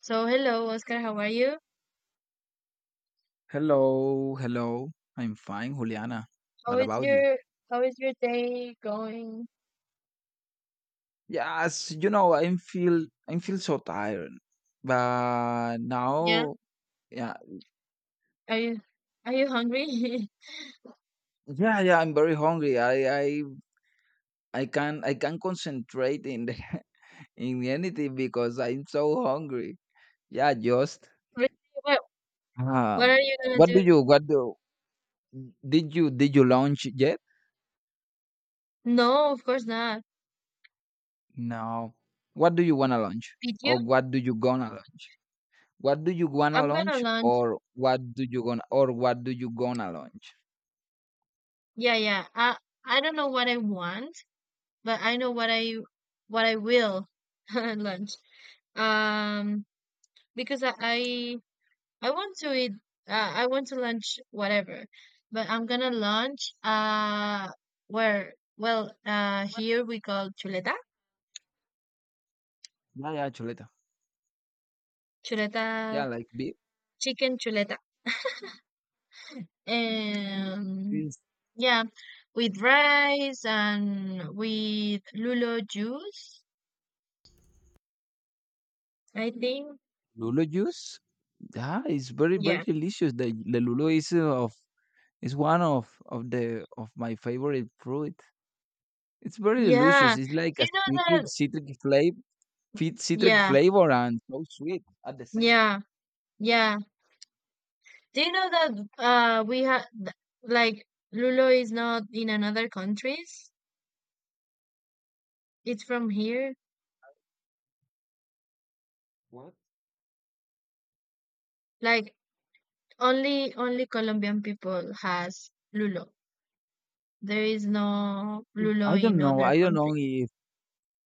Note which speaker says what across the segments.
Speaker 1: So hello, Oscar. How are you?
Speaker 2: Hello, hello. I'm fine, Juliana.
Speaker 1: How
Speaker 2: What
Speaker 1: is
Speaker 2: about you?
Speaker 1: your how is your day going?
Speaker 2: Yes, you know, I feel so tired. But
Speaker 1: Yeah.
Speaker 2: now, yeah,
Speaker 1: Are you are you hungry?
Speaker 2: yeah, yeah. I'm very hungry. I can concentrate in anything because I'm so hungry. Yeah, just
Speaker 1: Really? What
Speaker 2: um,
Speaker 1: what are you gonna
Speaker 2: what do
Speaker 1: do?
Speaker 2: you what do did you lunch yet?
Speaker 1: No, of course not.
Speaker 2: No. What do you wanna lunch?
Speaker 1: Did you?
Speaker 2: Or what do you gonna lunch? What do you wanna
Speaker 1: I'm gonna
Speaker 2: launch
Speaker 1: lunch.
Speaker 2: or what do you gonna launch?
Speaker 1: Yeah, yeah. I don't know what I want, but I know what I will lunch. Um, because I want to eat. I want to lunch whatever, but I'm gonna lunch. Where? Well, here we call chuleta,
Speaker 2: Yeah, yeah, chuleta.
Speaker 1: chuleta,
Speaker 2: Yeah, like be
Speaker 1: chicken chuleta, and
Speaker 2: is
Speaker 1: yeah, with rice and with lulo juice. I think.
Speaker 2: Lulo juice. Yeah, it's very
Speaker 1: Yeah,
Speaker 2: delicious. The Lulo is of is one of the of my favorite fruit. It's very
Speaker 1: yeah.
Speaker 2: delicious. It's like
Speaker 1: Do
Speaker 2: a
Speaker 1: you know
Speaker 2: citric
Speaker 1: that?
Speaker 2: citric flavor, citric
Speaker 1: Yeah,
Speaker 2: flavor, and so sweet at the same.
Speaker 1: yeah, yeah. Do you know that? We have, like, lulo is not in another countries. It's from here.
Speaker 2: What?
Speaker 1: Like, only Colombian people has lulo. There is no lulo
Speaker 2: I
Speaker 1: in
Speaker 2: don't know.
Speaker 1: other
Speaker 2: I don't
Speaker 1: country.
Speaker 2: know if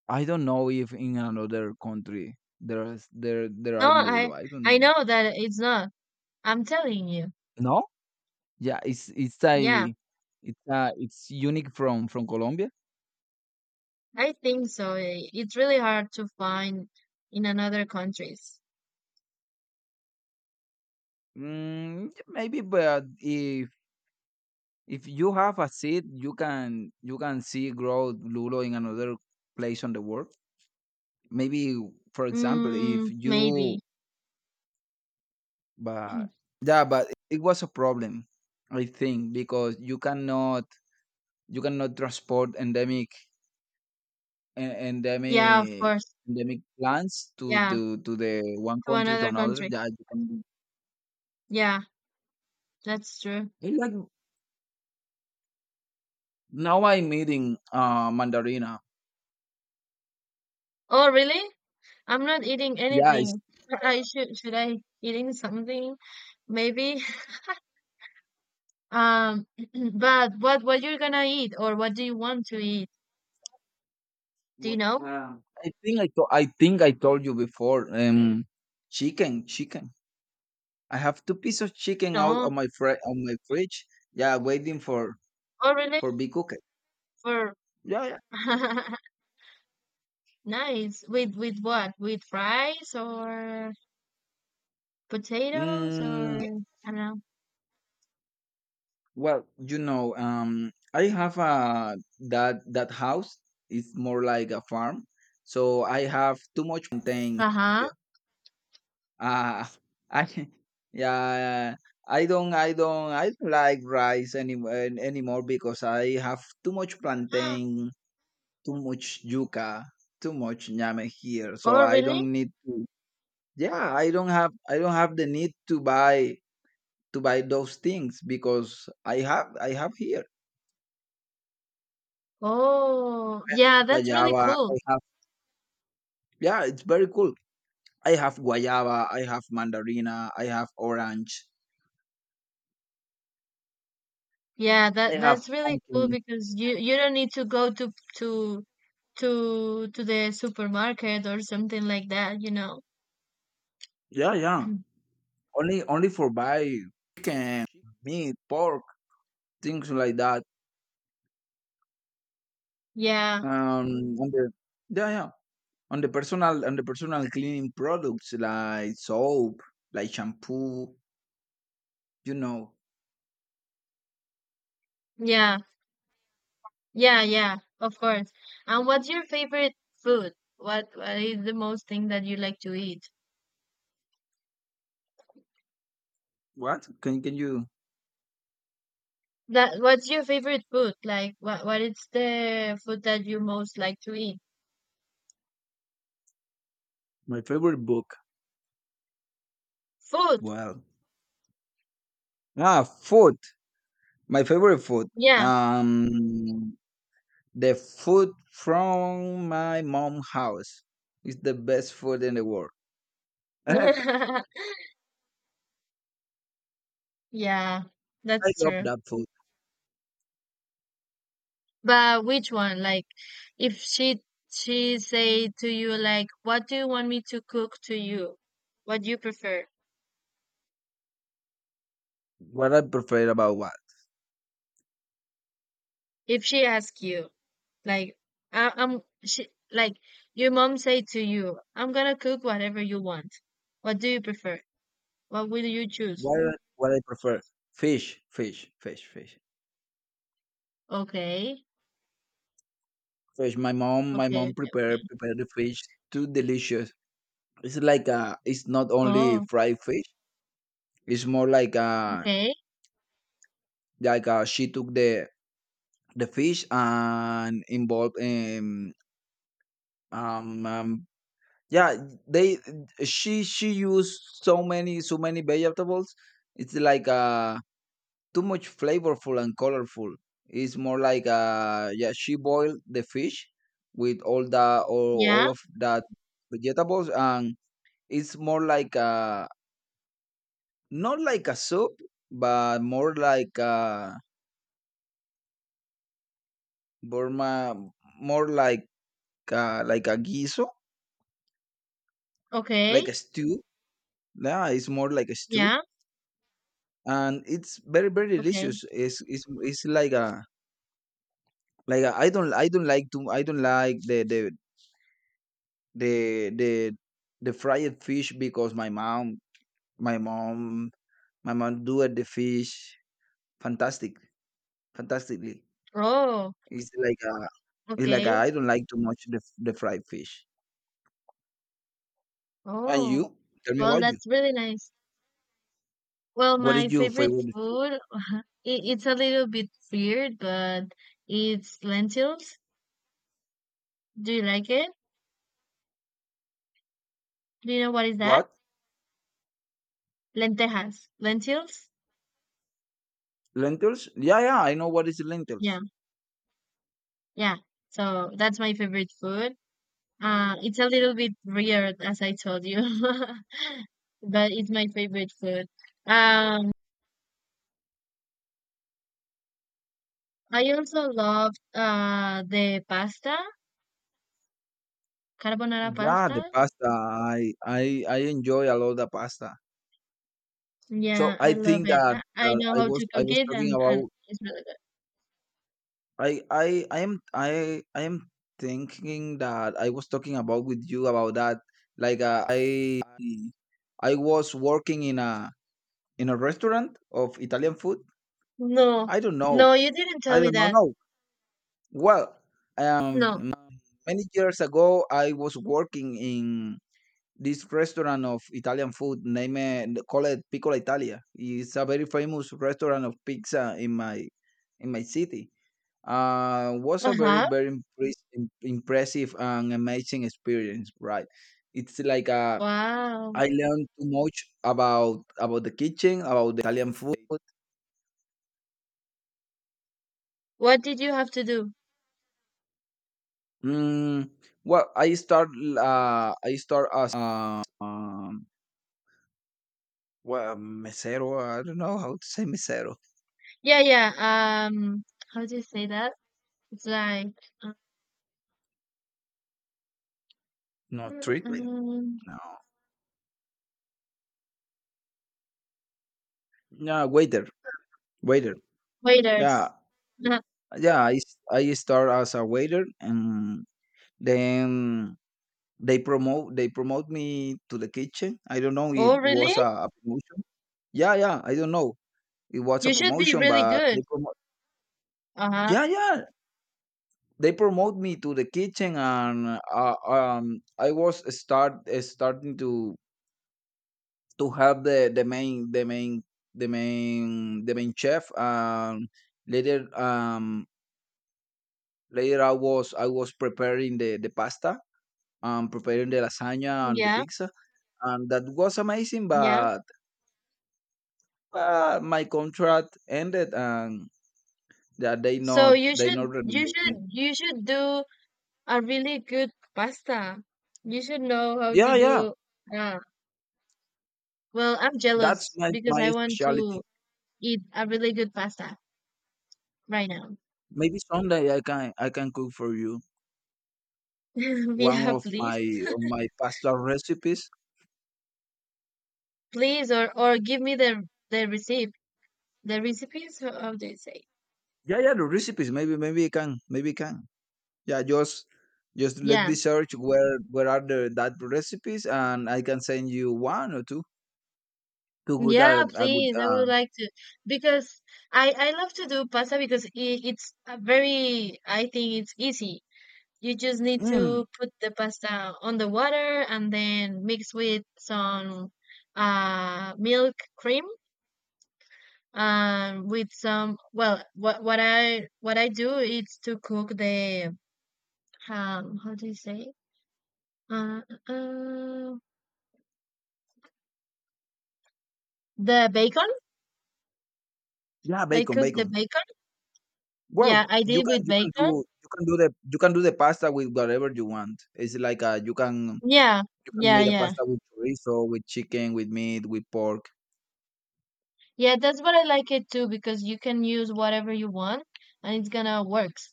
Speaker 2: I don't know if in another country there
Speaker 1: No,
Speaker 2: are
Speaker 1: I
Speaker 2: Lulo. I don't
Speaker 1: I
Speaker 2: know.
Speaker 1: know that it's not. I'm telling you.
Speaker 2: No? Yeah,
Speaker 1: Yeah,
Speaker 2: it's unique from Colombia?
Speaker 1: I think so. It's really hard to find in another countries.
Speaker 2: Mm, yeah, maybe, but if you have a seed, you can see grow lulo in another place on the world. Maybe, for example, if
Speaker 1: Mm, maybe.
Speaker 2: you but yeah, but it was a problem, I think, because you cannot transport endemic en-
Speaker 1: Yeah, of
Speaker 2: endemic
Speaker 1: course.
Speaker 2: endemic plants to
Speaker 1: Yeah,
Speaker 2: the one
Speaker 1: to
Speaker 2: country to
Speaker 1: another
Speaker 2: another.
Speaker 1: country.
Speaker 2: Yeah, you can.
Speaker 1: Yeah, that's true.
Speaker 2: I like Now I'm eating mandarina.
Speaker 1: Oh, really? I'm not eating
Speaker 2: Yeah, it's
Speaker 1: anything. I should I eating something? Maybe. Um, but what you're gonna eat or what do you want to eat? Do you
Speaker 2: what
Speaker 1: know?
Speaker 2: Wow. I think I told you before. Chicken, chicken. I have two pieces of chicken out
Speaker 1: No.
Speaker 2: of my fri- on my fridge. Yeah, waiting for
Speaker 1: Oh, really?
Speaker 2: be cooked.
Speaker 1: For
Speaker 2: Yeah, yeah.
Speaker 1: Nice. With what? With rice or potatoes
Speaker 2: Mm,
Speaker 1: or I don't know.
Speaker 2: well, you know, I have a that that house is more like a farm, so I have too much plantain.
Speaker 1: Uh-huh.
Speaker 2: Ah, I yeah, I don't like rice anymore because I have too much plantain, too much yuca, too much ñame here. So
Speaker 1: Oh,
Speaker 2: I
Speaker 1: really?
Speaker 2: don't need to. Yeah, I don't have the need to buy those things because I have here
Speaker 1: Oh, yeah, that's really
Speaker 2: guayaba. I
Speaker 1: cool.
Speaker 2: have, yeah, it's very cool. I have guayaba. I have mandarina. I have orange.
Speaker 1: Yeah,
Speaker 2: I
Speaker 1: that's
Speaker 2: have
Speaker 1: really cool
Speaker 2: pumpkin.
Speaker 1: because you don't need to go to to to the supermarket or something like that.
Speaker 2: Yeah, yeah. Only for buy chicken, meat, pork, things like that.
Speaker 1: Yeah.
Speaker 2: Um, on the yeah, yeah, on the personal cleaning products like soap, like shampoo. You know
Speaker 1: Yeah. Yeah, yeah, of course. And what's your favorite food? What is the most thing that you like to eat?
Speaker 2: what? Can you?
Speaker 1: That, what's your favorite food? Like, what is the food that you most like to eat?
Speaker 2: My favorite book.
Speaker 1: Food.
Speaker 2: Well, ah, food. My favorite food.
Speaker 1: Yeah.
Speaker 2: Um, the food from my mom house is the best food in the world. I
Speaker 1: Yeah, that's
Speaker 2: love
Speaker 1: true.
Speaker 2: that food.
Speaker 1: But which one? Like, if she say to you, like, what do you want me to cook to you? What do you prefer?
Speaker 2: What I prefer about what.
Speaker 1: If she ask you. Like, I, I'm she, like, your mom say to you, I'm gonna cook whatever you want. What do you prefer? What will you choose?
Speaker 2: What I prefer? Fish, fish, fish, fish,
Speaker 1: Okay,
Speaker 2: fish. My
Speaker 1: okay,
Speaker 2: mom
Speaker 1: okay, okay.
Speaker 2: prepare the fish too delicious. It's like a, it's not only
Speaker 1: Oh,
Speaker 2: fried fish. It's more
Speaker 1: okay,
Speaker 2: like a, she took the fish and involved in um, um yeah they she used so many vegetables. It's like a too much flavorful and colorful. It's more like yeah, she boiled the fish with
Speaker 1: yeah,
Speaker 2: all of that vegetables and it's more like a not like a soup but more like a Burma more like a guiso, like a
Speaker 1: okay,
Speaker 2: stew. Yeah, it's more like a stew.
Speaker 1: yeah,
Speaker 2: And it's very, very
Speaker 1: okay.
Speaker 2: delicious. It's it's like a like I don't like the the the fried fish because my mom my mom do it the fish fantastic fantastically.
Speaker 1: Oh,
Speaker 2: It's like
Speaker 1: okay.
Speaker 2: I don't like too much the fried fish. And
Speaker 1: Oh,
Speaker 2: you tell me
Speaker 1: well,
Speaker 2: about you,
Speaker 1: that's really nice. Well,
Speaker 2: what is
Speaker 1: my
Speaker 2: your
Speaker 1: favorite
Speaker 2: favorite food?
Speaker 1: food, it's a little bit weird, but it's lentils. Do you like it? Do you know what is that?
Speaker 2: What
Speaker 1: Lentejas, lentils.
Speaker 2: Lentils. Yeah, yeah, I know what is lentils.
Speaker 1: Yeah. Yeah, so that's my favorite food. It's a little bit weird, as I told you, but it's my favorite food. Um, I also love the pasta, carbonara
Speaker 2: Yeah,
Speaker 1: pasta.
Speaker 2: the pasta. I I enjoy a lot the pasta, so
Speaker 1: Yeah,
Speaker 2: I
Speaker 1: I love
Speaker 2: think
Speaker 1: it. I
Speaker 2: that
Speaker 1: know how to
Speaker 2: I
Speaker 1: cook
Speaker 2: was
Speaker 1: it,
Speaker 2: talking
Speaker 1: and
Speaker 2: about.
Speaker 1: it's really good.
Speaker 2: I am thinking that I was talking about with you about that. Like I was working in a restaurant of Italian food.
Speaker 1: No,
Speaker 2: I don't know.
Speaker 1: no, you didn't
Speaker 2: I
Speaker 1: tell me
Speaker 2: don't know.
Speaker 1: that.
Speaker 2: No. Well,
Speaker 1: No.
Speaker 2: um, many years ago I was working in this restaurant of Italian food. Name it, call it Piccola Italia. It's a very famous restaurant of pizza in my city. Was a
Speaker 1: Uh-huh.
Speaker 2: very impressive and amazing experience, right? It's like
Speaker 1: Wow.
Speaker 2: I learned too much about the kitchen, about the Italian food.
Speaker 1: What did you have to do?
Speaker 2: Mm, well, I start as mesero. I don't know how to say mesero.
Speaker 1: Yeah, yeah. How do you say that? It's like, uh,
Speaker 2: No treatment.
Speaker 1: um,
Speaker 2: No. Yeah, waiter, waiter. Yeah.
Speaker 1: waiters.
Speaker 2: Yeah, I start as a waiter, and then they promote me to the kitchen. I don't know, it
Speaker 1: Oh, really?
Speaker 2: was a promotion. Yeah, yeah, I don't know. It was
Speaker 1: You
Speaker 2: a
Speaker 1: should be
Speaker 2: promotion,
Speaker 1: really
Speaker 2: but
Speaker 1: good.
Speaker 2: they promote.
Speaker 1: Uh-huh.
Speaker 2: Yeah, yeah, they promote me to the kitchen, and I was starting to help the the main chef. Later, later I was preparing the pasta, preparing the lasagna and the
Speaker 1: Yeah,
Speaker 2: pizza, and that was amazing.
Speaker 1: yeah.
Speaker 2: But uh, my contract ended, and yeah,
Speaker 1: So you
Speaker 2: they not
Speaker 1: should you
Speaker 2: renovate
Speaker 1: should
Speaker 2: me.
Speaker 1: you should do a really good pasta. You should know how to
Speaker 2: Yeah, yeah.
Speaker 1: do, uh well, I'm
Speaker 2: That's
Speaker 1: jealous because I
Speaker 2: my
Speaker 1: want
Speaker 2: specialty.
Speaker 1: to eat a really good pasta right now.
Speaker 2: Maybe someday I can cook for you one
Speaker 1: Yeah,
Speaker 2: of
Speaker 1: please.
Speaker 2: my pasta recipes.
Speaker 1: Please or give me the recipe. The recipes, how do you say?
Speaker 2: Yeah, yeah, the recipes. Maybe maybe I can maybe I can. Yeah, just let me
Speaker 1: Yeah.
Speaker 2: search where are the that recipes, and I can send you one or two good
Speaker 1: Yeah,
Speaker 2: a good
Speaker 1: please. I would like to, because I love to do pasta because it's a very, I think it's easy. You just need
Speaker 2: mm,
Speaker 1: to put the pasta on the water and then mix with some milk cream, with some, well, what I do is to cook the, how do you say, uh, uh the bacon.
Speaker 2: yeah,
Speaker 1: I
Speaker 2: bacon,
Speaker 1: cook the
Speaker 2: bacon.
Speaker 1: bacon.
Speaker 2: Well,
Speaker 1: Yeah, I did with bacon.
Speaker 2: you can do the you can do the pasta with whatever you want. It's like uh,
Speaker 1: Yeah.
Speaker 2: you can
Speaker 1: Yeah,
Speaker 2: make a
Speaker 1: yeah.
Speaker 2: pasta with chorizo, with chicken, with meat, with pork.
Speaker 1: Yeah, that's what I like it too, because you can use whatever you want and it's gonna works.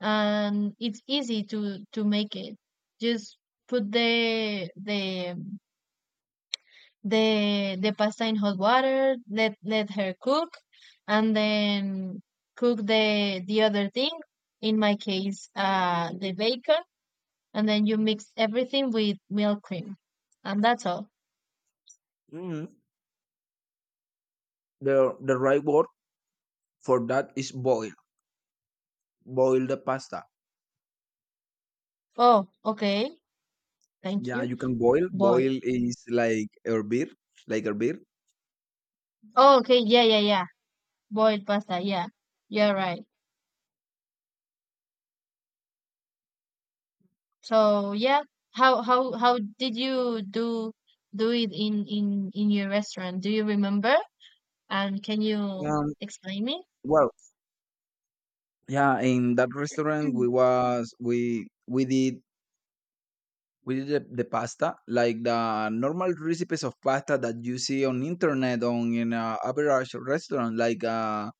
Speaker 1: And it's easy to make it. Just put the pasta in hot water, let her cook and then cook the other thing, in my case, the bacon, and then you mix everything with milk cream. And that's all.
Speaker 2: Hmm. The right word for that is boil. Boil the pasta.
Speaker 1: Oh, okay. Thank
Speaker 2: Yeah,
Speaker 1: you.
Speaker 2: you can boil.
Speaker 1: Boy.
Speaker 2: Boil is like hervir, like hervir.
Speaker 1: Oh, okay. Yeah, yeah, yeah. Boiled pasta, yeah. You're right. So yeah, how did you do it in your restaurant? Do you remember? And can you
Speaker 2: Um,
Speaker 1: explain me?
Speaker 2: well, yeah, in that restaurant
Speaker 1: Mm.
Speaker 2: we did. We did the pasta, like the normal recipes of pasta that you see on internet on in a average restaurant,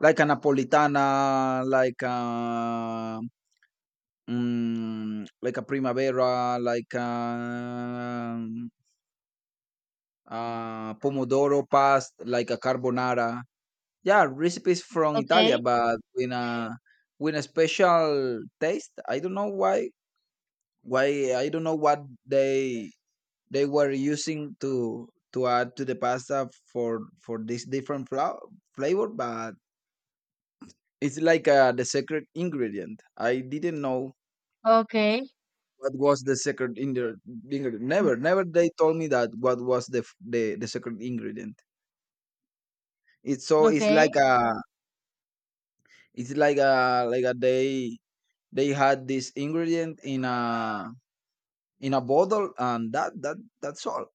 Speaker 2: like a napolitana, like a mm, like a primavera, like pomodoro pasta, like a carbonara. Yeah, recipes from Italia,
Speaker 1: Okay.
Speaker 2: but with a special taste. I don't know why. I don't know what they were using to add to the pasta for this different flavor. But it's like the secret ingredient, I didn't know
Speaker 1: Okay.
Speaker 2: what was the ingredient. Never they told me that what was the the secret ingredient. It's so
Speaker 1: Okay.
Speaker 2: it's like a they had this ingredient in a bottle, and that's all.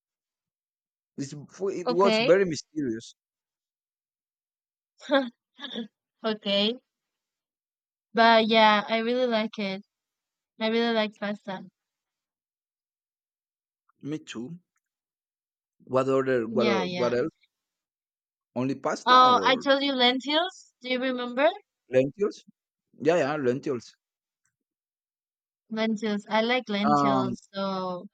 Speaker 2: it's, it was
Speaker 1: Okay.
Speaker 2: very mysterious.
Speaker 1: Okay. But yeah, I really like it. I really like pasta.
Speaker 2: Me too. What other
Speaker 1: Yeah,
Speaker 2: what.
Speaker 1: yeah.
Speaker 2: Only pasta
Speaker 1: Oh, I
Speaker 2: or
Speaker 1: told you lentils. Do you remember?
Speaker 2: lentils? Yeah, yeah, lentils.
Speaker 1: Lentils. I like
Speaker 2: Um,
Speaker 1: lentils. So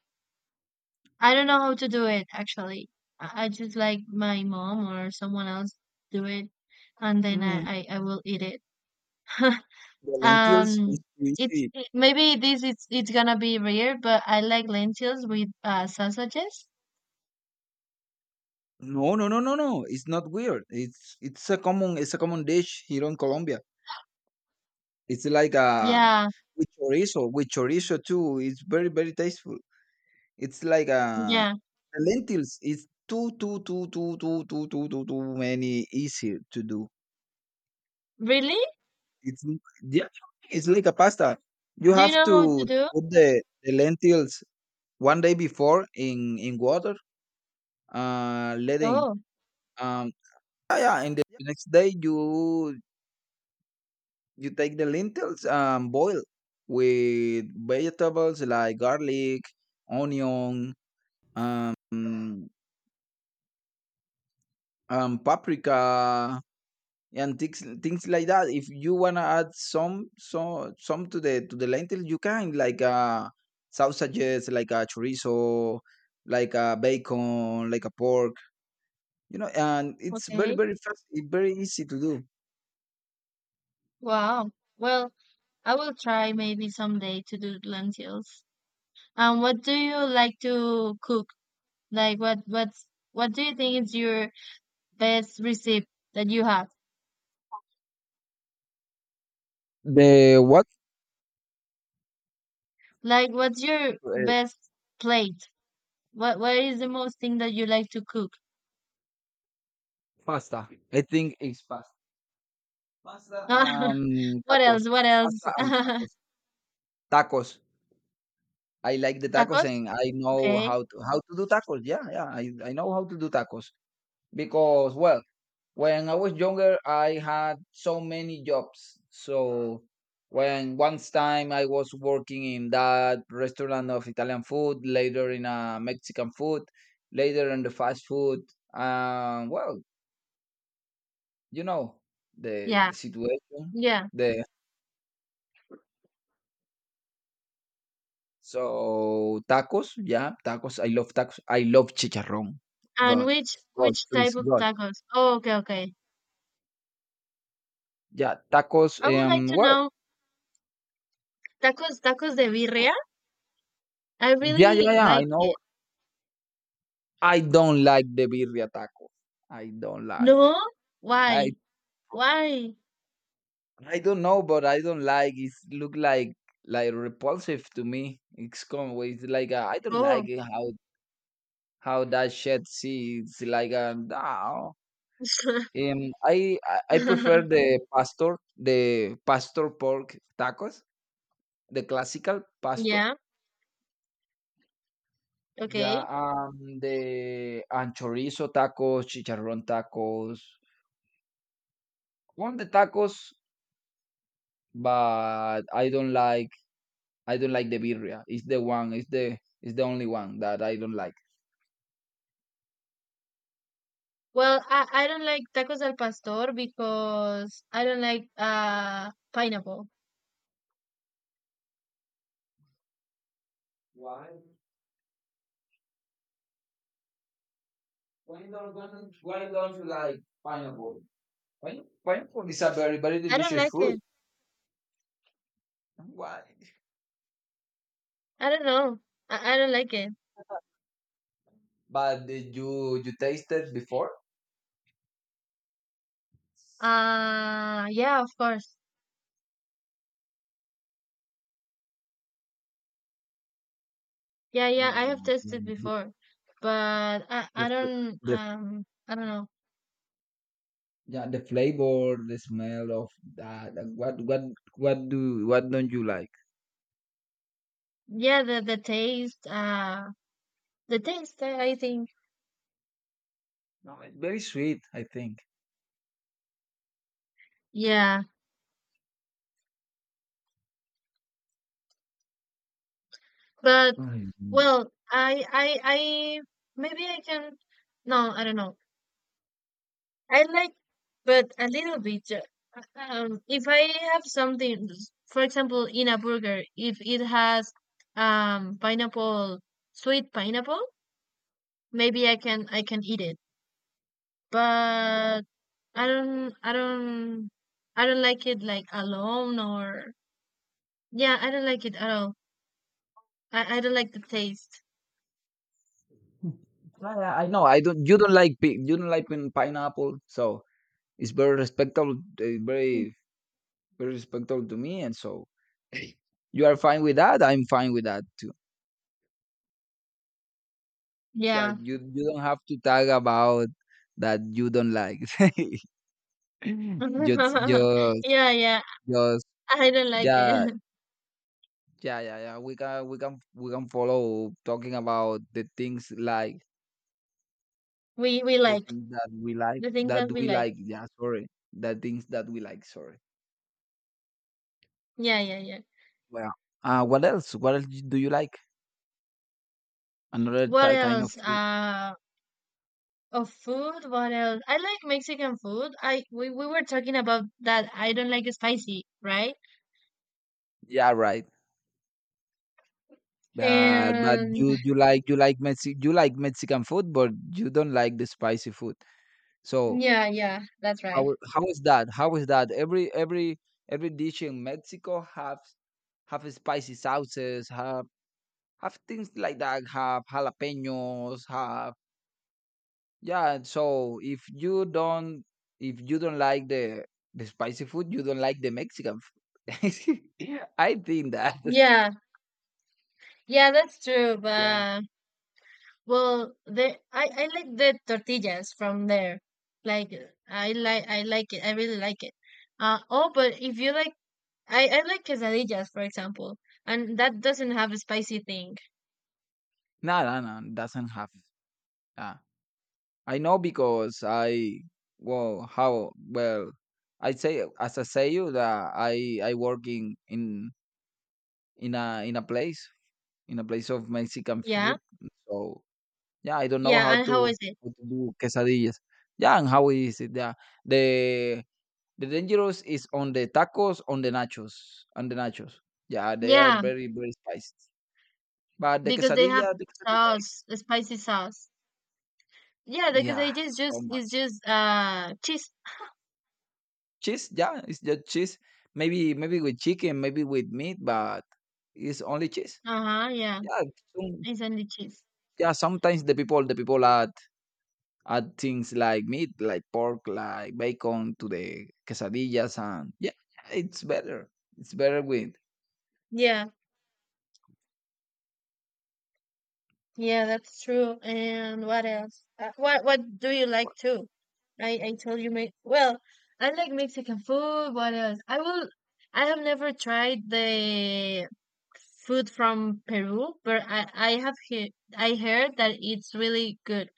Speaker 1: I don't know how to do it actually. I just, like, my mom or someone else do it, and then I
Speaker 2: mm,
Speaker 1: I, I will eat it.
Speaker 2: the lentils is
Speaker 1: um,
Speaker 2: easy.
Speaker 1: Maybe this it's gonna be weird, but I like lentils with, sausages.
Speaker 2: No, no, no, no, no. It's not weird. It's a common dish here in Colombia. It's like a
Speaker 1: Yeah,
Speaker 2: with chorizo too. It's very tasteful. It's like a
Speaker 1: yeah.
Speaker 2: the lentils. It's too too too too too too too too too many easier to do.
Speaker 1: Really?
Speaker 2: It's yeah, it's like a pasta. You
Speaker 1: Do you
Speaker 2: have
Speaker 1: know how to
Speaker 2: to
Speaker 1: do?
Speaker 2: put the lentils one day before in water letting
Speaker 1: Oh,
Speaker 2: um yeah, yeah, and the next day you take the lentils boil with vegetables like garlic, onion, um paprika, and things like that. If you want to add some so some to the lentil, you can like sausages like a chorizo, like a bacon, like a pork. You know, and it's
Speaker 1: okay.
Speaker 2: very fast, it's very easy to do.
Speaker 1: Wow. Well, I will try maybe someday to do lentils. What do you like to cook? Like, what do you think is your best recipe that you have?
Speaker 2: The what
Speaker 1: Like, what's your
Speaker 2: uh,
Speaker 1: best plate? What is the most thing that you like to cook?
Speaker 2: pasta? I think it's pasta. Pasta um
Speaker 1: What
Speaker 2: tacos,
Speaker 1: else? What else?
Speaker 2: pasta and tacos, tacos. I like the tacos,
Speaker 1: Tacos?
Speaker 2: and I know
Speaker 1: Okay.
Speaker 2: how to do tacos. Yeah, yeah, I know how to do tacos because well, when I was younger, I had so many jobs. So when once time I was working in that restaurant of Italian food, later in a Mexican food, later in the fast food. Well, you know the
Speaker 1: Yeah.
Speaker 2: situation.
Speaker 1: Yeah.
Speaker 2: The So tacos, yeah, tacos. I love tacos. I love chicharrón.
Speaker 1: And
Speaker 2: God,
Speaker 1: which
Speaker 2: God,
Speaker 1: which type
Speaker 2: please,
Speaker 1: of
Speaker 2: God.
Speaker 1: tacos? Oh, okay, okay.
Speaker 2: Yeah, tacos.
Speaker 1: I would like to
Speaker 2: Well,
Speaker 1: know tacos de
Speaker 2: well,
Speaker 1: birria. I
Speaker 2: yeah, yeah,
Speaker 1: really
Speaker 2: yeah. I
Speaker 1: like
Speaker 2: know
Speaker 1: it.
Speaker 2: I don't like the birria taco. I don't like.
Speaker 1: No?
Speaker 2: I
Speaker 1: Why? Why?
Speaker 2: I don't know, but I don't like. It look like repulsive to me. It's come with like I don't like
Speaker 1: Oh.
Speaker 2: it how that shit sees like a no. I prefer the pastor pork tacos, the classical pastor.
Speaker 1: Yeah. Okay.
Speaker 2: Yeah, the and chorizo tacos, chicharrón tacos, all the tacos, but I don't like the birria. It's the one. It's the only one that I don't like.
Speaker 1: Well, I don't like tacos al pastor because I don't like, pineapple.
Speaker 2: Why? Why don't you like pineapple? Pineapple is a very
Speaker 1: I don't
Speaker 2: delicious
Speaker 1: like it.
Speaker 2: fruit. Why?
Speaker 1: I don't know. I don't like it.
Speaker 2: But did you tasted before?
Speaker 1: Yeah, of course. Yeah, yeah, I have
Speaker 2: Mm,
Speaker 1: tasted
Speaker 2: The,
Speaker 1: before. But
Speaker 2: the, fl- the-
Speaker 1: I don't know.
Speaker 2: yeah, the flavor, the smell of that. And what do what don't you like?
Speaker 1: Yeah, the taste, the taste, I think.
Speaker 2: No, it's very sweet, I think.
Speaker 1: Yeah. But,
Speaker 2: Right.
Speaker 1: well, I maybe I can, no, I don't know. I like, but a little bit. If I have something, for example, in a burger, if it has, pineapple, sweet pineapple, maybe I can eat it. But I don't I don't I don't like it, like, alone, or yeah, I don't like it at all. I don't like the taste.
Speaker 2: Yeah, yeah, I know. I don't. You don't like you don't like pineapple, so it's very respectable, very very respectable to me, and so you are fine with that. I'm fine with that too. Yeah,
Speaker 1: Yeah,
Speaker 2: you don't have to talk about that you don't like. just just
Speaker 1: yeah, yeah.
Speaker 2: just
Speaker 1: I don't like
Speaker 2: yeah
Speaker 1: it.
Speaker 2: yeah yeah yeah. We can we can follow talking about the things like
Speaker 1: We
Speaker 2: the
Speaker 1: like
Speaker 2: things that we like,
Speaker 1: the things that we like.
Speaker 2: Yeah, sorry, the things that we like. Sorry.
Speaker 1: Yeah, yeah, yeah.
Speaker 2: Well, what else? What else do you like? Another
Speaker 1: What
Speaker 2: kind of
Speaker 1: else?
Speaker 2: food?
Speaker 1: Of food, what else? I like Mexican food. We were talking about that. I don't like spicy, right?
Speaker 2: Yeah, right. But
Speaker 1: And
Speaker 2: you you like you like Mexican food, but you don't like the spicy food. So
Speaker 1: yeah, yeah, that's right.
Speaker 2: how is that? How is that? Every every dish in Mexico have spicy sauces, have things like that, have jalapenos, have Yeah, and so if you don't, if you don't like the spicy food, you don't like the Mexican food. I think that.
Speaker 1: Yeah, yeah, that's true.
Speaker 2: Yeah.
Speaker 1: But, well, the I like the tortillas from there. Like, I like it. I really like it. Uh oh, but if you like, I like quesadillas, for example, and that doesn't have a spicy thing.
Speaker 2: No, no, no, doesn't have. Uh, I know because I, well, I say as I say you that I work in a in a place in a place of Mexican food.
Speaker 1: Yeah,
Speaker 2: So yeah, I don't know
Speaker 1: yeah.
Speaker 2: how
Speaker 1: And how
Speaker 2: to
Speaker 1: is it?
Speaker 2: do quesadillas. Yeah, and how is it? Yeah, the The dangerous is on the tacos, on the nachos, on the nachos. Yeah, they are
Speaker 1: Yeah,
Speaker 2: very very spiced. But
Speaker 1: because they have
Speaker 2: the quesadilla
Speaker 1: sauce,
Speaker 2: is,
Speaker 1: a spicy sauce. Yeah, the
Speaker 2: yeah,
Speaker 1: quesadilla is
Speaker 2: so
Speaker 1: just is
Speaker 2: much
Speaker 1: just cheese.
Speaker 2: cheese. Yeah, it's just cheese. Maybe maybe with chicken, maybe with meat, but it's only cheese.
Speaker 1: Uh-huh, yeah.
Speaker 2: Yeah, some,
Speaker 1: It's only cheese.
Speaker 2: yeah. Sometimes the people add add things like meat, like pork, like bacon to the quesadillas, and yeah, it's better. It's better with
Speaker 1: Yeah, yeah, that's true. And what else? What do you like too? I told you, me, well, I like Mexican food. What else? I have never tried the food from Peru, but I have he I heard that it's really good.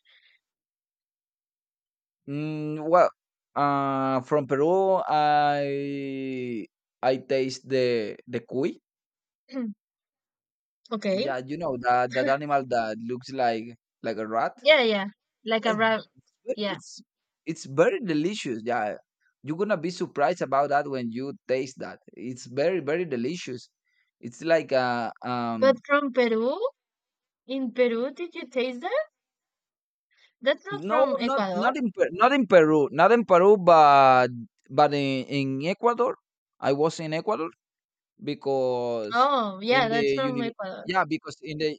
Speaker 2: Mm, well, from Peru, I taste the cuy.
Speaker 1: Okay.
Speaker 2: Yeah, you know that, that animal that looks like a rat.
Speaker 1: Yeah, yeah. Like a
Speaker 2: And
Speaker 1: wrap. Yeah.
Speaker 2: It's it's very delicious. Yeah, you're gonna be surprised about that when you taste that. It's very very delicious. It's like a
Speaker 1: But from Peru, in Peru, did you taste that? That's not
Speaker 2: no,
Speaker 1: from Ecuador.
Speaker 2: not in Peru, but in Ecuador. I was in Ecuador because
Speaker 1: Oh,
Speaker 2: in
Speaker 1: yeah, that's
Speaker 2: the
Speaker 1: from
Speaker 2: uni,
Speaker 1: Ecuador.
Speaker 2: yeah, because in the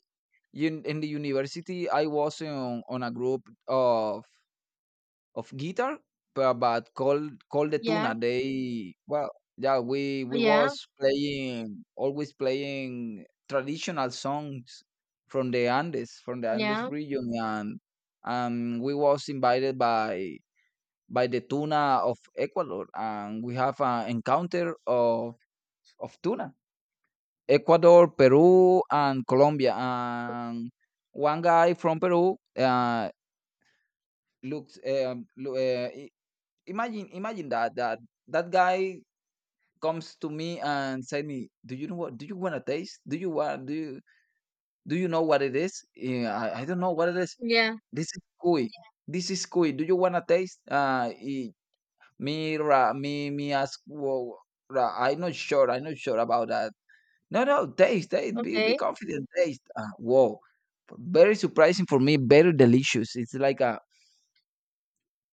Speaker 2: in the university I was on a group of of guitar but called called the
Speaker 1: Yeah,
Speaker 2: tuna. They, we
Speaker 1: yeah,
Speaker 2: was playing, always playing traditional songs from the Andes,
Speaker 1: yeah,
Speaker 2: region. And we was invited by the tuna of Ecuador, and we have an encounter of tuna Ecuador, Peru, and Colombia. And one guy from Peru, looks. Imagine, imagine that that that guy comes to me and say me, "Do you know what? Do you want to taste? Do you want? Do you know what it is? Yeah, I don't know what it is.
Speaker 1: yeah.
Speaker 2: This is cuy. This is cuy. Do you want to taste? Me, ra, me ask. Well, ra, I'm not sure. I'm not sure about that. No, no, taste, taste. Be
Speaker 1: Okay,
Speaker 2: confident. Taste. Whoa, very surprising for me. Very delicious. It's like a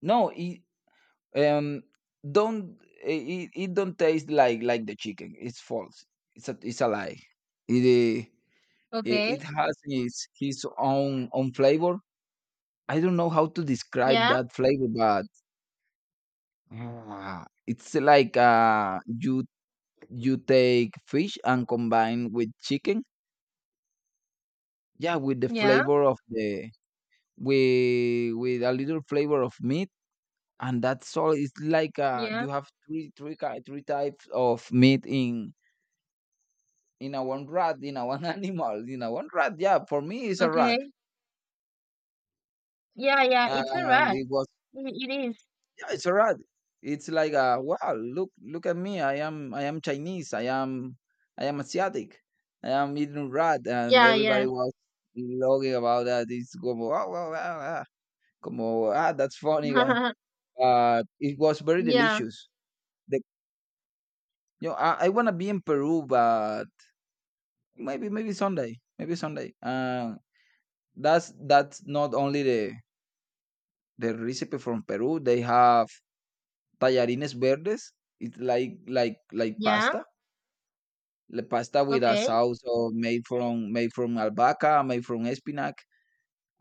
Speaker 2: no. It um, don't it, it don't taste like the chicken. It's false. It's a lie. It it, it
Speaker 1: okay.
Speaker 2: has its his own own flavor. I don't know how to describe
Speaker 1: Yeah,
Speaker 2: that flavor, but ah, it's like you you take fish and combine with chicken. Yeah, with the
Speaker 1: yeah,
Speaker 2: flavor of the, with a little flavor of meat, and that's all. It's like
Speaker 1: yeah.
Speaker 2: you have three types of meat in a one rat, in a one animal, in a one rat. Yeah, for me it's a rat,
Speaker 1: Okay. Yeah, yeah. It's a
Speaker 2: and
Speaker 1: rat.
Speaker 2: it was,
Speaker 1: It is.
Speaker 2: yeah, it's a rat. It's like wow, look look at me, I am Chinese, I am Asiatic, I am eating rat. And
Speaker 1: Yeah, yeah.
Speaker 2: everybody was blogging about that. It's como, wow wow wow, wow. Como, ah, that's funny. But it was very
Speaker 1: Yeah,
Speaker 2: delicious. You know, I wanna be in Peru, but maybe, maybe Sunday. That's not only the recipe from Peru. They have tallarines verdes. It's like
Speaker 1: yeah.
Speaker 2: pasta, the pasta with a
Speaker 1: Okay.
Speaker 2: sauce or made from, albahaca, made from spinach.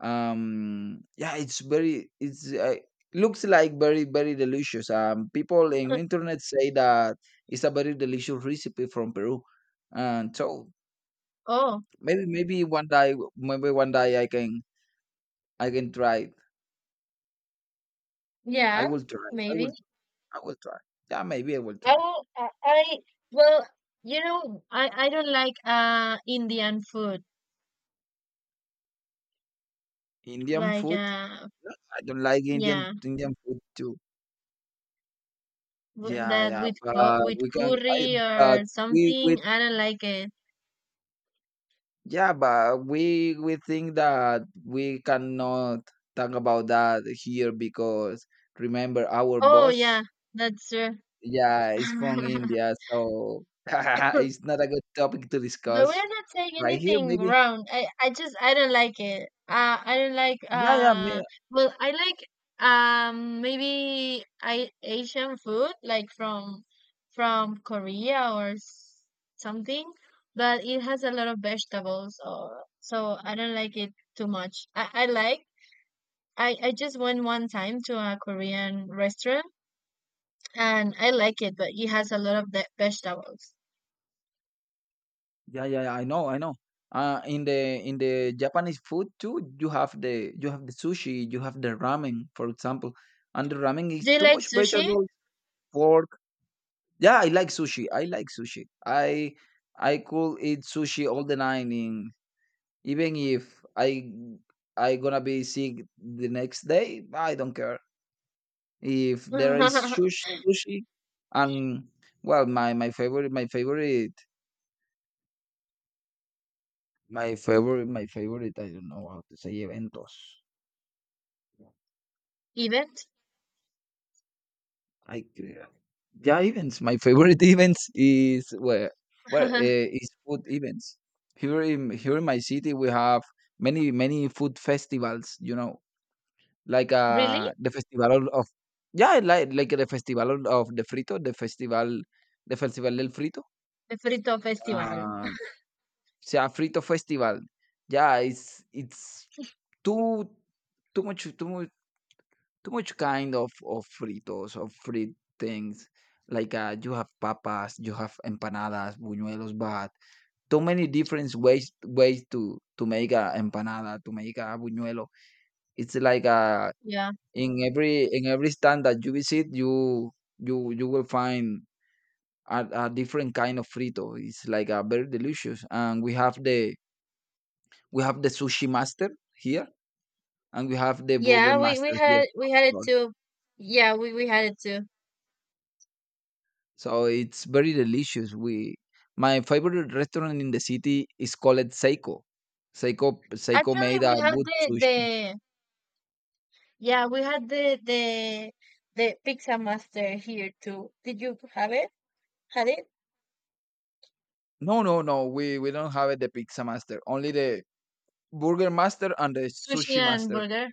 Speaker 2: Yeah, it's very, it's looks like very very delicious. People in internet say that it's a very delicious recipe from Peru, and so
Speaker 1: Oh,
Speaker 2: maybe, maybe one day I can try it.
Speaker 1: yeah.
Speaker 2: I will try. I will
Speaker 1: Maybe.
Speaker 2: try. Yeah, maybe I will try.
Speaker 1: Oh, I. Well, I don't like, Indian food.
Speaker 2: Indian
Speaker 1: Like,
Speaker 2: food? No, I don't like Indian
Speaker 1: yeah.
Speaker 2: Indian food too. Yeah,
Speaker 1: That,
Speaker 2: yeah, but
Speaker 1: with
Speaker 2: we can I
Speaker 1: curry
Speaker 2: but
Speaker 1: or
Speaker 2: we,
Speaker 1: something. I don't like it.
Speaker 2: yeah, but we think that we cannot talk about that here because remember our
Speaker 1: Oh,
Speaker 2: boss,
Speaker 1: yeah, that's true.
Speaker 2: yeah, is from India, so it's not a good topic to
Speaker 1: But
Speaker 2: discuss
Speaker 1: we're not saying
Speaker 2: right here.
Speaker 1: anything
Speaker 2: Maybe,
Speaker 1: wrong. I just, I don't like it. I don't like.
Speaker 2: yeah,
Speaker 1: Well, I like, maybe I Asian food, like, from Korea or something, but it has a lot of vegetables or so I don't like it too much. I like. I just went one time to a Korean restaurant and I like it, but it has a lot of vegetables.
Speaker 2: yeah, yeah, yeah, I know, I know. In the Japanese food too, you have the, you have the sushi, you have the ramen, for example, and the ramen is
Speaker 1: Do you
Speaker 2: too
Speaker 1: like
Speaker 2: much
Speaker 1: sushi?
Speaker 2: vegetables, pork. Yeah, I like sushi. I like sushi. I could eat sushi all the night, in, even if I I gonna be sick the next day. I don't care if there is sushi, sushi, and well, my favorite my favorite, I don't know how to say eventos.
Speaker 1: Event?
Speaker 2: I c- yeah, events. My favorite events is where is food events. Here in my city, we have many many food festivals. You know, like
Speaker 1: Really?
Speaker 2: the festival of, yeah, like the festival of the frito, the festival del frito.
Speaker 1: The Frito Festival.
Speaker 2: Uh, Sea frito festival. Yeah, it's too too much. Too much kind of fritos, of fried things. Like, you have papas, you have empanadas, buñuelos, but too many different ways to make a empanada, to make a buñuelo. It's like,
Speaker 1: Yeah.
Speaker 2: in every stand that you visit, you you will find a different kind of frito. It's like a very delicious. And we have the, we have the sushi master here, and we have the burger
Speaker 1: Yeah, we, we
Speaker 2: master here.
Speaker 1: had we had it too. Yeah, we had it too.
Speaker 2: So it's very delicious. We, my favorite restaurant in the city is called Seiko. Seiko, Seiko
Speaker 1: Actually,
Speaker 2: made a
Speaker 1: we had
Speaker 2: good
Speaker 1: the
Speaker 2: sushi.
Speaker 1: the yeah, we had the pizza master here too. Did you have it? Had it?
Speaker 2: No, no, no. We don't have it, the pizza master. Only the burger master and the
Speaker 1: Sushi
Speaker 2: sushi
Speaker 1: and
Speaker 2: master.
Speaker 1: burger.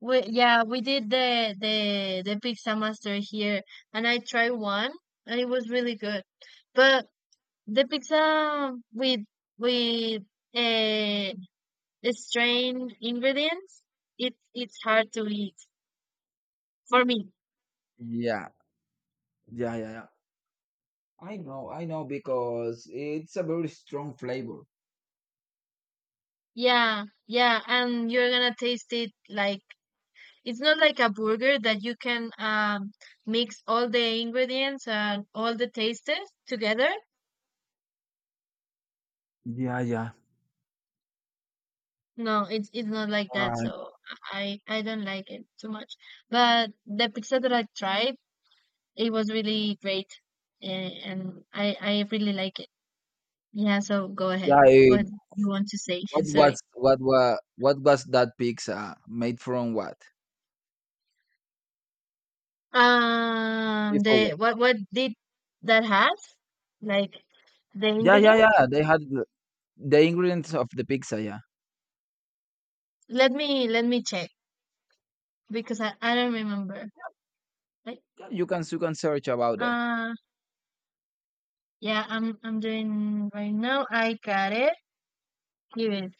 Speaker 1: We Yeah, we did the pizza master here, and I tried one, and it was really good. But the pizza with, uh, strained ingredients, it's hard to eat for me.
Speaker 2: Yeah, yeah, yeah, yeah. I know, because it's a very strong flavor.
Speaker 1: Yeah, yeah, and you're gonna taste it, like, it's not like a burger that you can, mix all the ingredients and all the tastes together.
Speaker 2: Yeah, yeah.
Speaker 1: No, it's not like that.
Speaker 2: Uh,
Speaker 1: So I don't like it too much. But the pizza that I tried, it was really great, and I really like it. Yeah. So go ahead.
Speaker 2: yeah. eh,
Speaker 1: What you want to say?
Speaker 2: What
Speaker 1: Sorry.
Speaker 2: was what was that pizza made from? What? Made for
Speaker 1: The
Speaker 2: what?
Speaker 1: what did that have? Like the
Speaker 2: Yeah, yeah, yeah.
Speaker 1: ingredients?
Speaker 2: They had the ingredients of the pizza. Yeah.
Speaker 1: Let me check because I don't remember. Like,
Speaker 2: Yeah, you can, you can search about that.
Speaker 1: uh yeah. I'm doing right now. I got it. Here is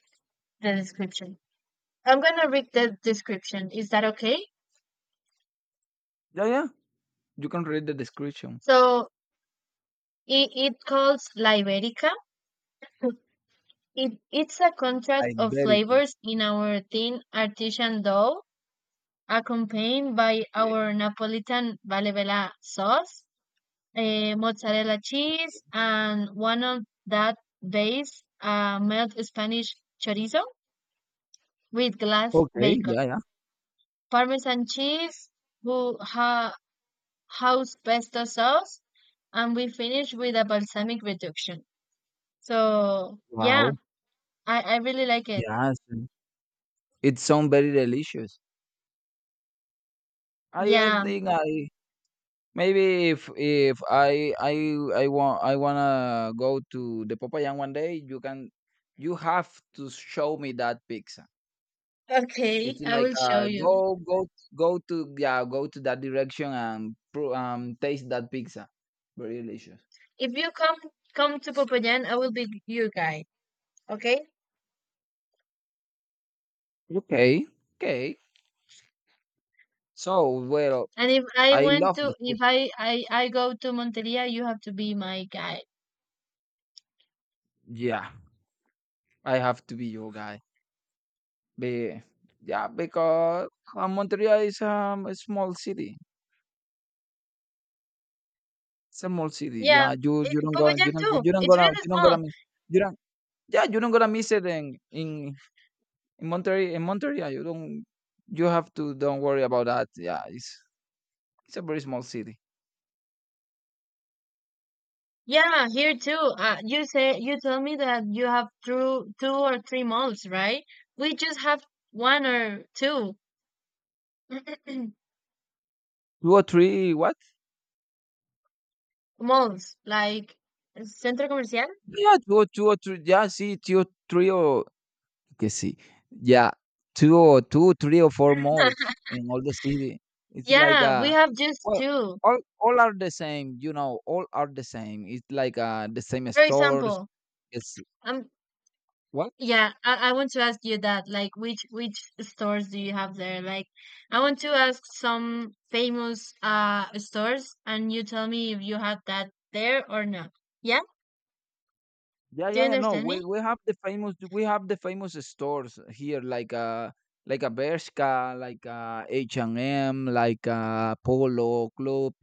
Speaker 1: the description. I'm gonna read the description. Is that okay?
Speaker 2: Yeah, yeah. You can read the description.
Speaker 1: So it calls La Iberica. It's a contrast
Speaker 2: Like,
Speaker 1: of
Speaker 2: very good.
Speaker 1: flavors in our thin artisan dough, accompanied by our Napolitan Valevela sauce, mozzarella cheese, and one of that base, melt Spanish chorizo with glass
Speaker 2: Okay.
Speaker 1: bacon,
Speaker 2: Yeah, yeah.
Speaker 1: Parmesan cheese, who house pesto sauce, and we finish with a balsamic reduction. So yeah,
Speaker 2: Wow.
Speaker 1: I really like it.
Speaker 2: Yes. It sounds very delicious. I
Speaker 1: Yeah.
Speaker 2: think I Maybe if I I want I wanna go to the Popayán one day. You can, you have to show me that pizza.
Speaker 1: Okay,
Speaker 2: It's
Speaker 1: I
Speaker 2: like
Speaker 1: will show you.
Speaker 2: go to, yeah, go to that direction and taste that pizza. Very delicious.
Speaker 1: If you come to Popayan, I will be your guide. Okay?
Speaker 2: Okay. Okay. So, well,
Speaker 1: And
Speaker 2: I love the food.
Speaker 1: if I go to Monteria, you have to be my guide.
Speaker 2: Yeah, I have to be your guy. Be, yeah, because Montreal is um a small city. It's a small city.
Speaker 1: Yeah.
Speaker 2: Yeah,
Speaker 1: eh,
Speaker 2: you don't gonna
Speaker 1: Popayan
Speaker 2: you don't go-
Speaker 1: too. It's really
Speaker 2: you don't
Speaker 1: small.
Speaker 2: gonna miss, you don't yeah, you don't gonna miss it in Montreal, You don't, you have to don't worry about that. Yeah, it's a very small city.
Speaker 1: Yeah, here too. You tell me that you have two or three malls, right? We just have one or two.
Speaker 2: Two or three what?
Speaker 1: Malls, like Centro Comercial.
Speaker 2: Yeah, two or three. Yeah, see, two or three, or Que see. Yeah, 2 or 2, 3 or 4 malls in all the city. It's like,
Speaker 1: Yeah, we have just
Speaker 2: well,
Speaker 1: two.
Speaker 2: all are the same, you know, all are the same. It's like, the same
Speaker 1: For
Speaker 2: stores.
Speaker 1: example,
Speaker 2: It's
Speaker 1: um,
Speaker 2: what?
Speaker 1: yeah, I want to ask you that, like, which stores do you have there? Like, I want to ask some famous stores, and you tell me if you have that there or not. Yeah,
Speaker 2: Yeah,
Speaker 1: do you
Speaker 2: yeah, yeah. No,
Speaker 1: understand me?
Speaker 2: we we have the famous stores here, like a Bershka, like, H&M, like, Polo Club.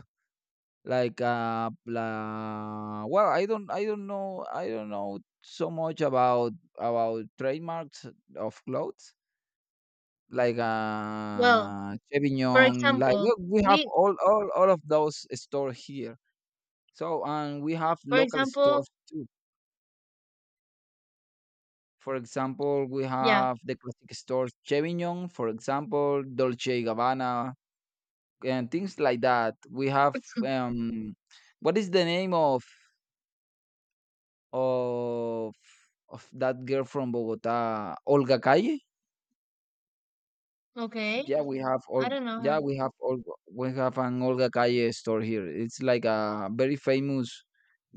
Speaker 2: Like, la well, I don't know so much about trademarks of clothes, like
Speaker 1: Well, for
Speaker 2: Chevignon. Like
Speaker 1: example,
Speaker 2: we have
Speaker 1: we,
Speaker 2: all of those stores here. So, and we have
Speaker 1: for
Speaker 2: local stores
Speaker 1: example,
Speaker 2: too. For example, we
Speaker 1: yeah,
Speaker 2: have the classic stores Chevignon, for example, Dolce Gabbana, and things like that. We have, um, what is the name of of of that girl from Bogota, Olga Calle.
Speaker 1: okay,
Speaker 2: Yeah, we Mhm. have all.
Speaker 1: I don't know her.
Speaker 2: Yeah, we have all. We have an Olga Calle store here. It's like a very famous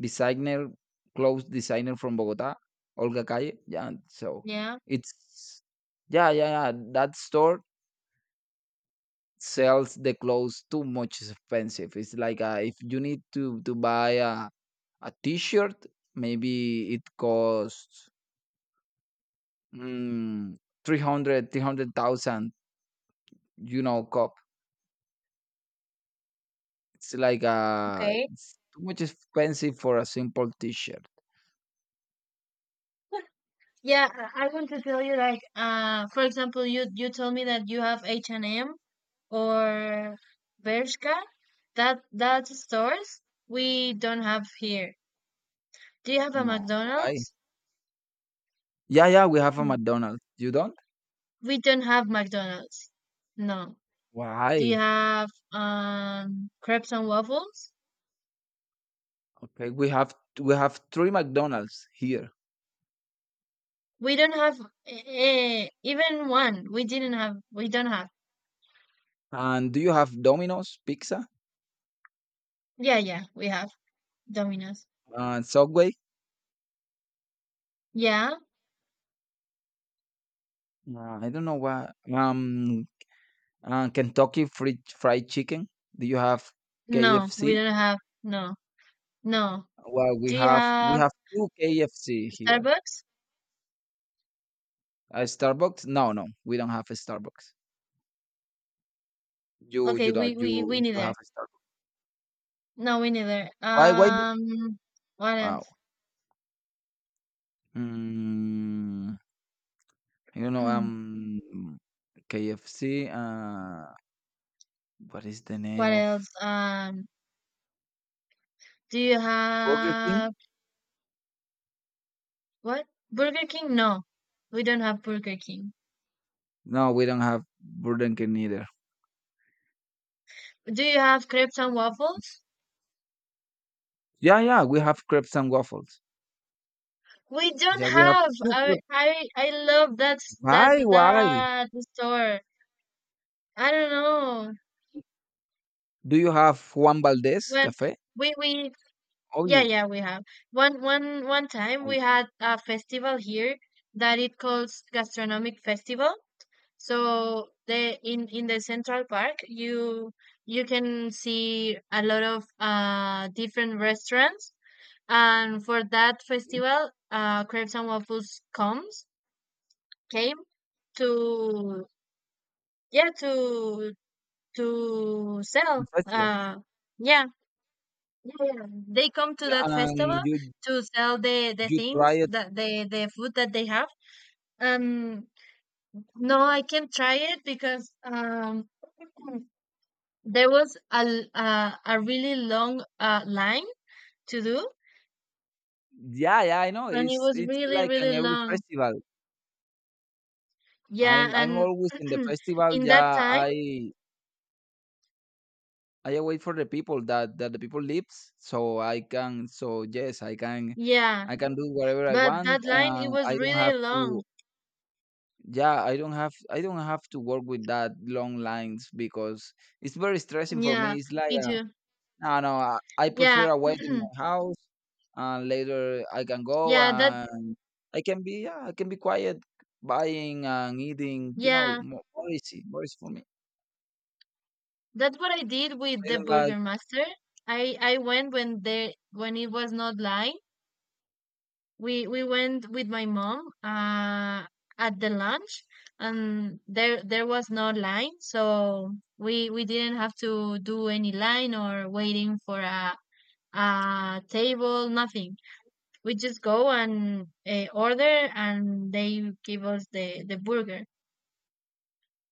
Speaker 2: designer, clothes designer from Bogota, Olga Calle. Yeah, so
Speaker 1: Yeah,
Speaker 2: it's, yeah, yeah, yeah. That store sells the clothes too much expensive. It's like if you need to buy a t shirt, maybe it costs, mm, 300, 300,000, you know, cup. It's like
Speaker 1: okay.
Speaker 2: it's too much expensive for a simple t-shirt.
Speaker 1: Yeah, I want to tell you, like, for example, you told me that you have H&M or Bershka. That stores we don't have here. Do you have a
Speaker 2: No, why?
Speaker 1: McDonald's?
Speaker 2: Yeah, yeah, we have a McDonald's. You don't?
Speaker 1: We don't have McDonald's. No. Do you
Speaker 2: Why?
Speaker 1: have crepes and waffles?
Speaker 2: Okay, we have, we have 3 McDonald's here.
Speaker 1: We don't have even one. We didn't have. We don't have.
Speaker 2: And do you have Domino's pizza?
Speaker 1: Yeah, yeah, we have Domino's.
Speaker 2: And Subway?
Speaker 1: Yeah.
Speaker 2: I don't know why. Kentucky fried fried chicken. Do you have
Speaker 1: No, we
Speaker 2: KFC?
Speaker 1: don't have. No, no.
Speaker 2: Well,
Speaker 1: Do you
Speaker 2: we
Speaker 1: have
Speaker 2: have 2 KFC here.
Speaker 1: Starbucks?
Speaker 2: A Starbucks? No, no, we don't have a Starbucks. You
Speaker 1: Okay, we
Speaker 2: don't,
Speaker 1: we we
Speaker 2: you
Speaker 1: neither.
Speaker 2: have a Starbucks.
Speaker 1: No, we neither.
Speaker 2: Why why? d-
Speaker 1: What else?
Speaker 2: Wow. Mm, you know KFC. What is the name
Speaker 1: What
Speaker 2: of
Speaker 1: else? Do you
Speaker 2: Burger King?
Speaker 1: have what? Burger King? No, we don't have Burger King.
Speaker 2: No, we don't have Burger King either.
Speaker 1: Do you have crepes and waffles?
Speaker 2: Yeah, yeah, we have crepes and waffles.
Speaker 1: We don't
Speaker 2: Yeah, we have
Speaker 1: have.
Speaker 2: two
Speaker 1: I
Speaker 2: crepes.
Speaker 1: I I love that s- that
Speaker 2: Why why?
Speaker 1: that store. I don't know.
Speaker 2: Do you have Juan Valdez
Speaker 1: When
Speaker 2: Cafe?
Speaker 1: we
Speaker 2: Oh,
Speaker 1: Yeah,
Speaker 2: you
Speaker 1: yeah, we have. One time
Speaker 2: oh,
Speaker 1: we
Speaker 2: you-
Speaker 1: had a festival here that it calls Gastronomic Festival. So the in the Central Park you can see a lot of different restaurants, and for that festival Crepes and Waffles comes came to, yeah, to
Speaker 2: in
Speaker 1: sell,
Speaker 2: the festival.
Speaker 1: yeah. Yeah, yeah. They come to
Speaker 2: Yeah,
Speaker 1: that festival
Speaker 2: and
Speaker 1: to sell the
Speaker 2: you
Speaker 1: things
Speaker 2: try
Speaker 1: that the food that they have. Um, no, I can't try it because there was a really long line to do,
Speaker 2: Yeah, yeah, I know.
Speaker 1: and it was
Speaker 2: It's
Speaker 1: really
Speaker 2: like
Speaker 1: really
Speaker 2: an every
Speaker 1: long.
Speaker 2: festival.
Speaker 1: Yeah,
Speaker 2: I'm
Speaker 1: and
Speaker 2: always in the festival.
Speaker 1: in that
Speaker 2: Yeah,
Speaker 1: time,
Speaker 2: I wait for the people that that the people lives, so I can. So yes, I can.
Speaker 1: yeah,
Speaker 2: I can do whatever I
Speaker 1: but that
Speaker 2: want.
Speaker 1: line it
Speaker 2: And
Speaker 1: was
Speaker 2: I don't
Speaker 1: really
Speaker 2: have
Speaker 1: long.
Speaker 2: to. Yeah, I don't have. I don't have to work with that long lines because it's very stressing for
Speaker 1: Yeah,
Speaker 2: me. It's like
Speaker 1: me
Speaker 2: a
Speaker 1: too.
Speaker 2: No, no, I
Speaker 1: Yeah,
Speaker 2: prefer away in my house, and later I can go
Speaker 1: yeah, that
Speaker 2: and I can be, yeah, I can be quiet, buying and eating. You know,
Speaker 1: yeah.
Speaker 2: more, more easy for me.
Speaker 1: That's what I did with
Speaker 2: I
Speaker 1: the
Speaker 2: don't like
Speaker 1: Burger Master. I went when it was not live. We went with my mom at the lunch, and there was no line, so we didn't have to do any line or waiting for a table, nothing. We just go and order, and they give us the burger.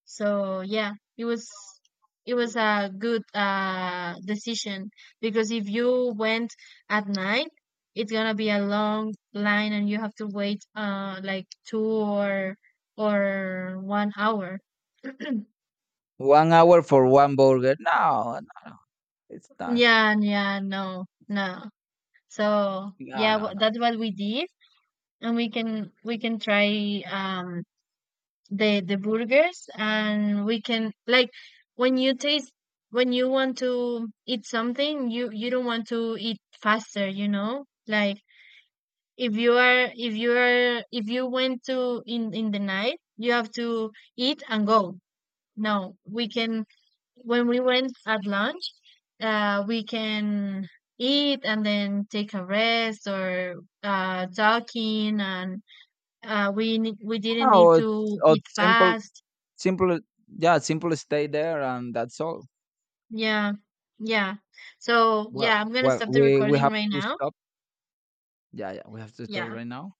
Speaker 1: So yeah, it was a good decision, because if you went at night, it's gonna be a long line and you have to wait like two or 1 hour.
Speaker 2: 1 hour for one burger. No, no, it's not.
Speaker 1: Yeah, yeah, no, no. So
Speaker 2: No,
Speaker 1: yeah,
Speaker 2: no, no.
Speaker 1: that's what we did, and we can try the burgers, and we can, like, when you taste when you want to eat something, you don't want to eat faster, like, if you went to in the night, you have to eat and go. No, we can when we went at lunch, we can eat and then take a rest, or talking, and we didn't need
Speaker 2: No,
Speaker 1: to eat
Speaker 2: it's simple,
Speaker 1: fast.
Speaker 2: simple. Yeah, simple. Stay there, and that's all.
Speaker 1: Yeah. Yeah. So,
Speaker 2: Well,
Speaker 1: yeah, I'm gonna stop the
Speaker 2: we
Speaker 1: recording
Speaker 2: have
Speaker 1: right
Speaker 2: to
Speaker 1: now.
Speaker 2: stop. Yeah, yeah, we have to stop
Speaker 1: Yeah.
Speaker 2: right now.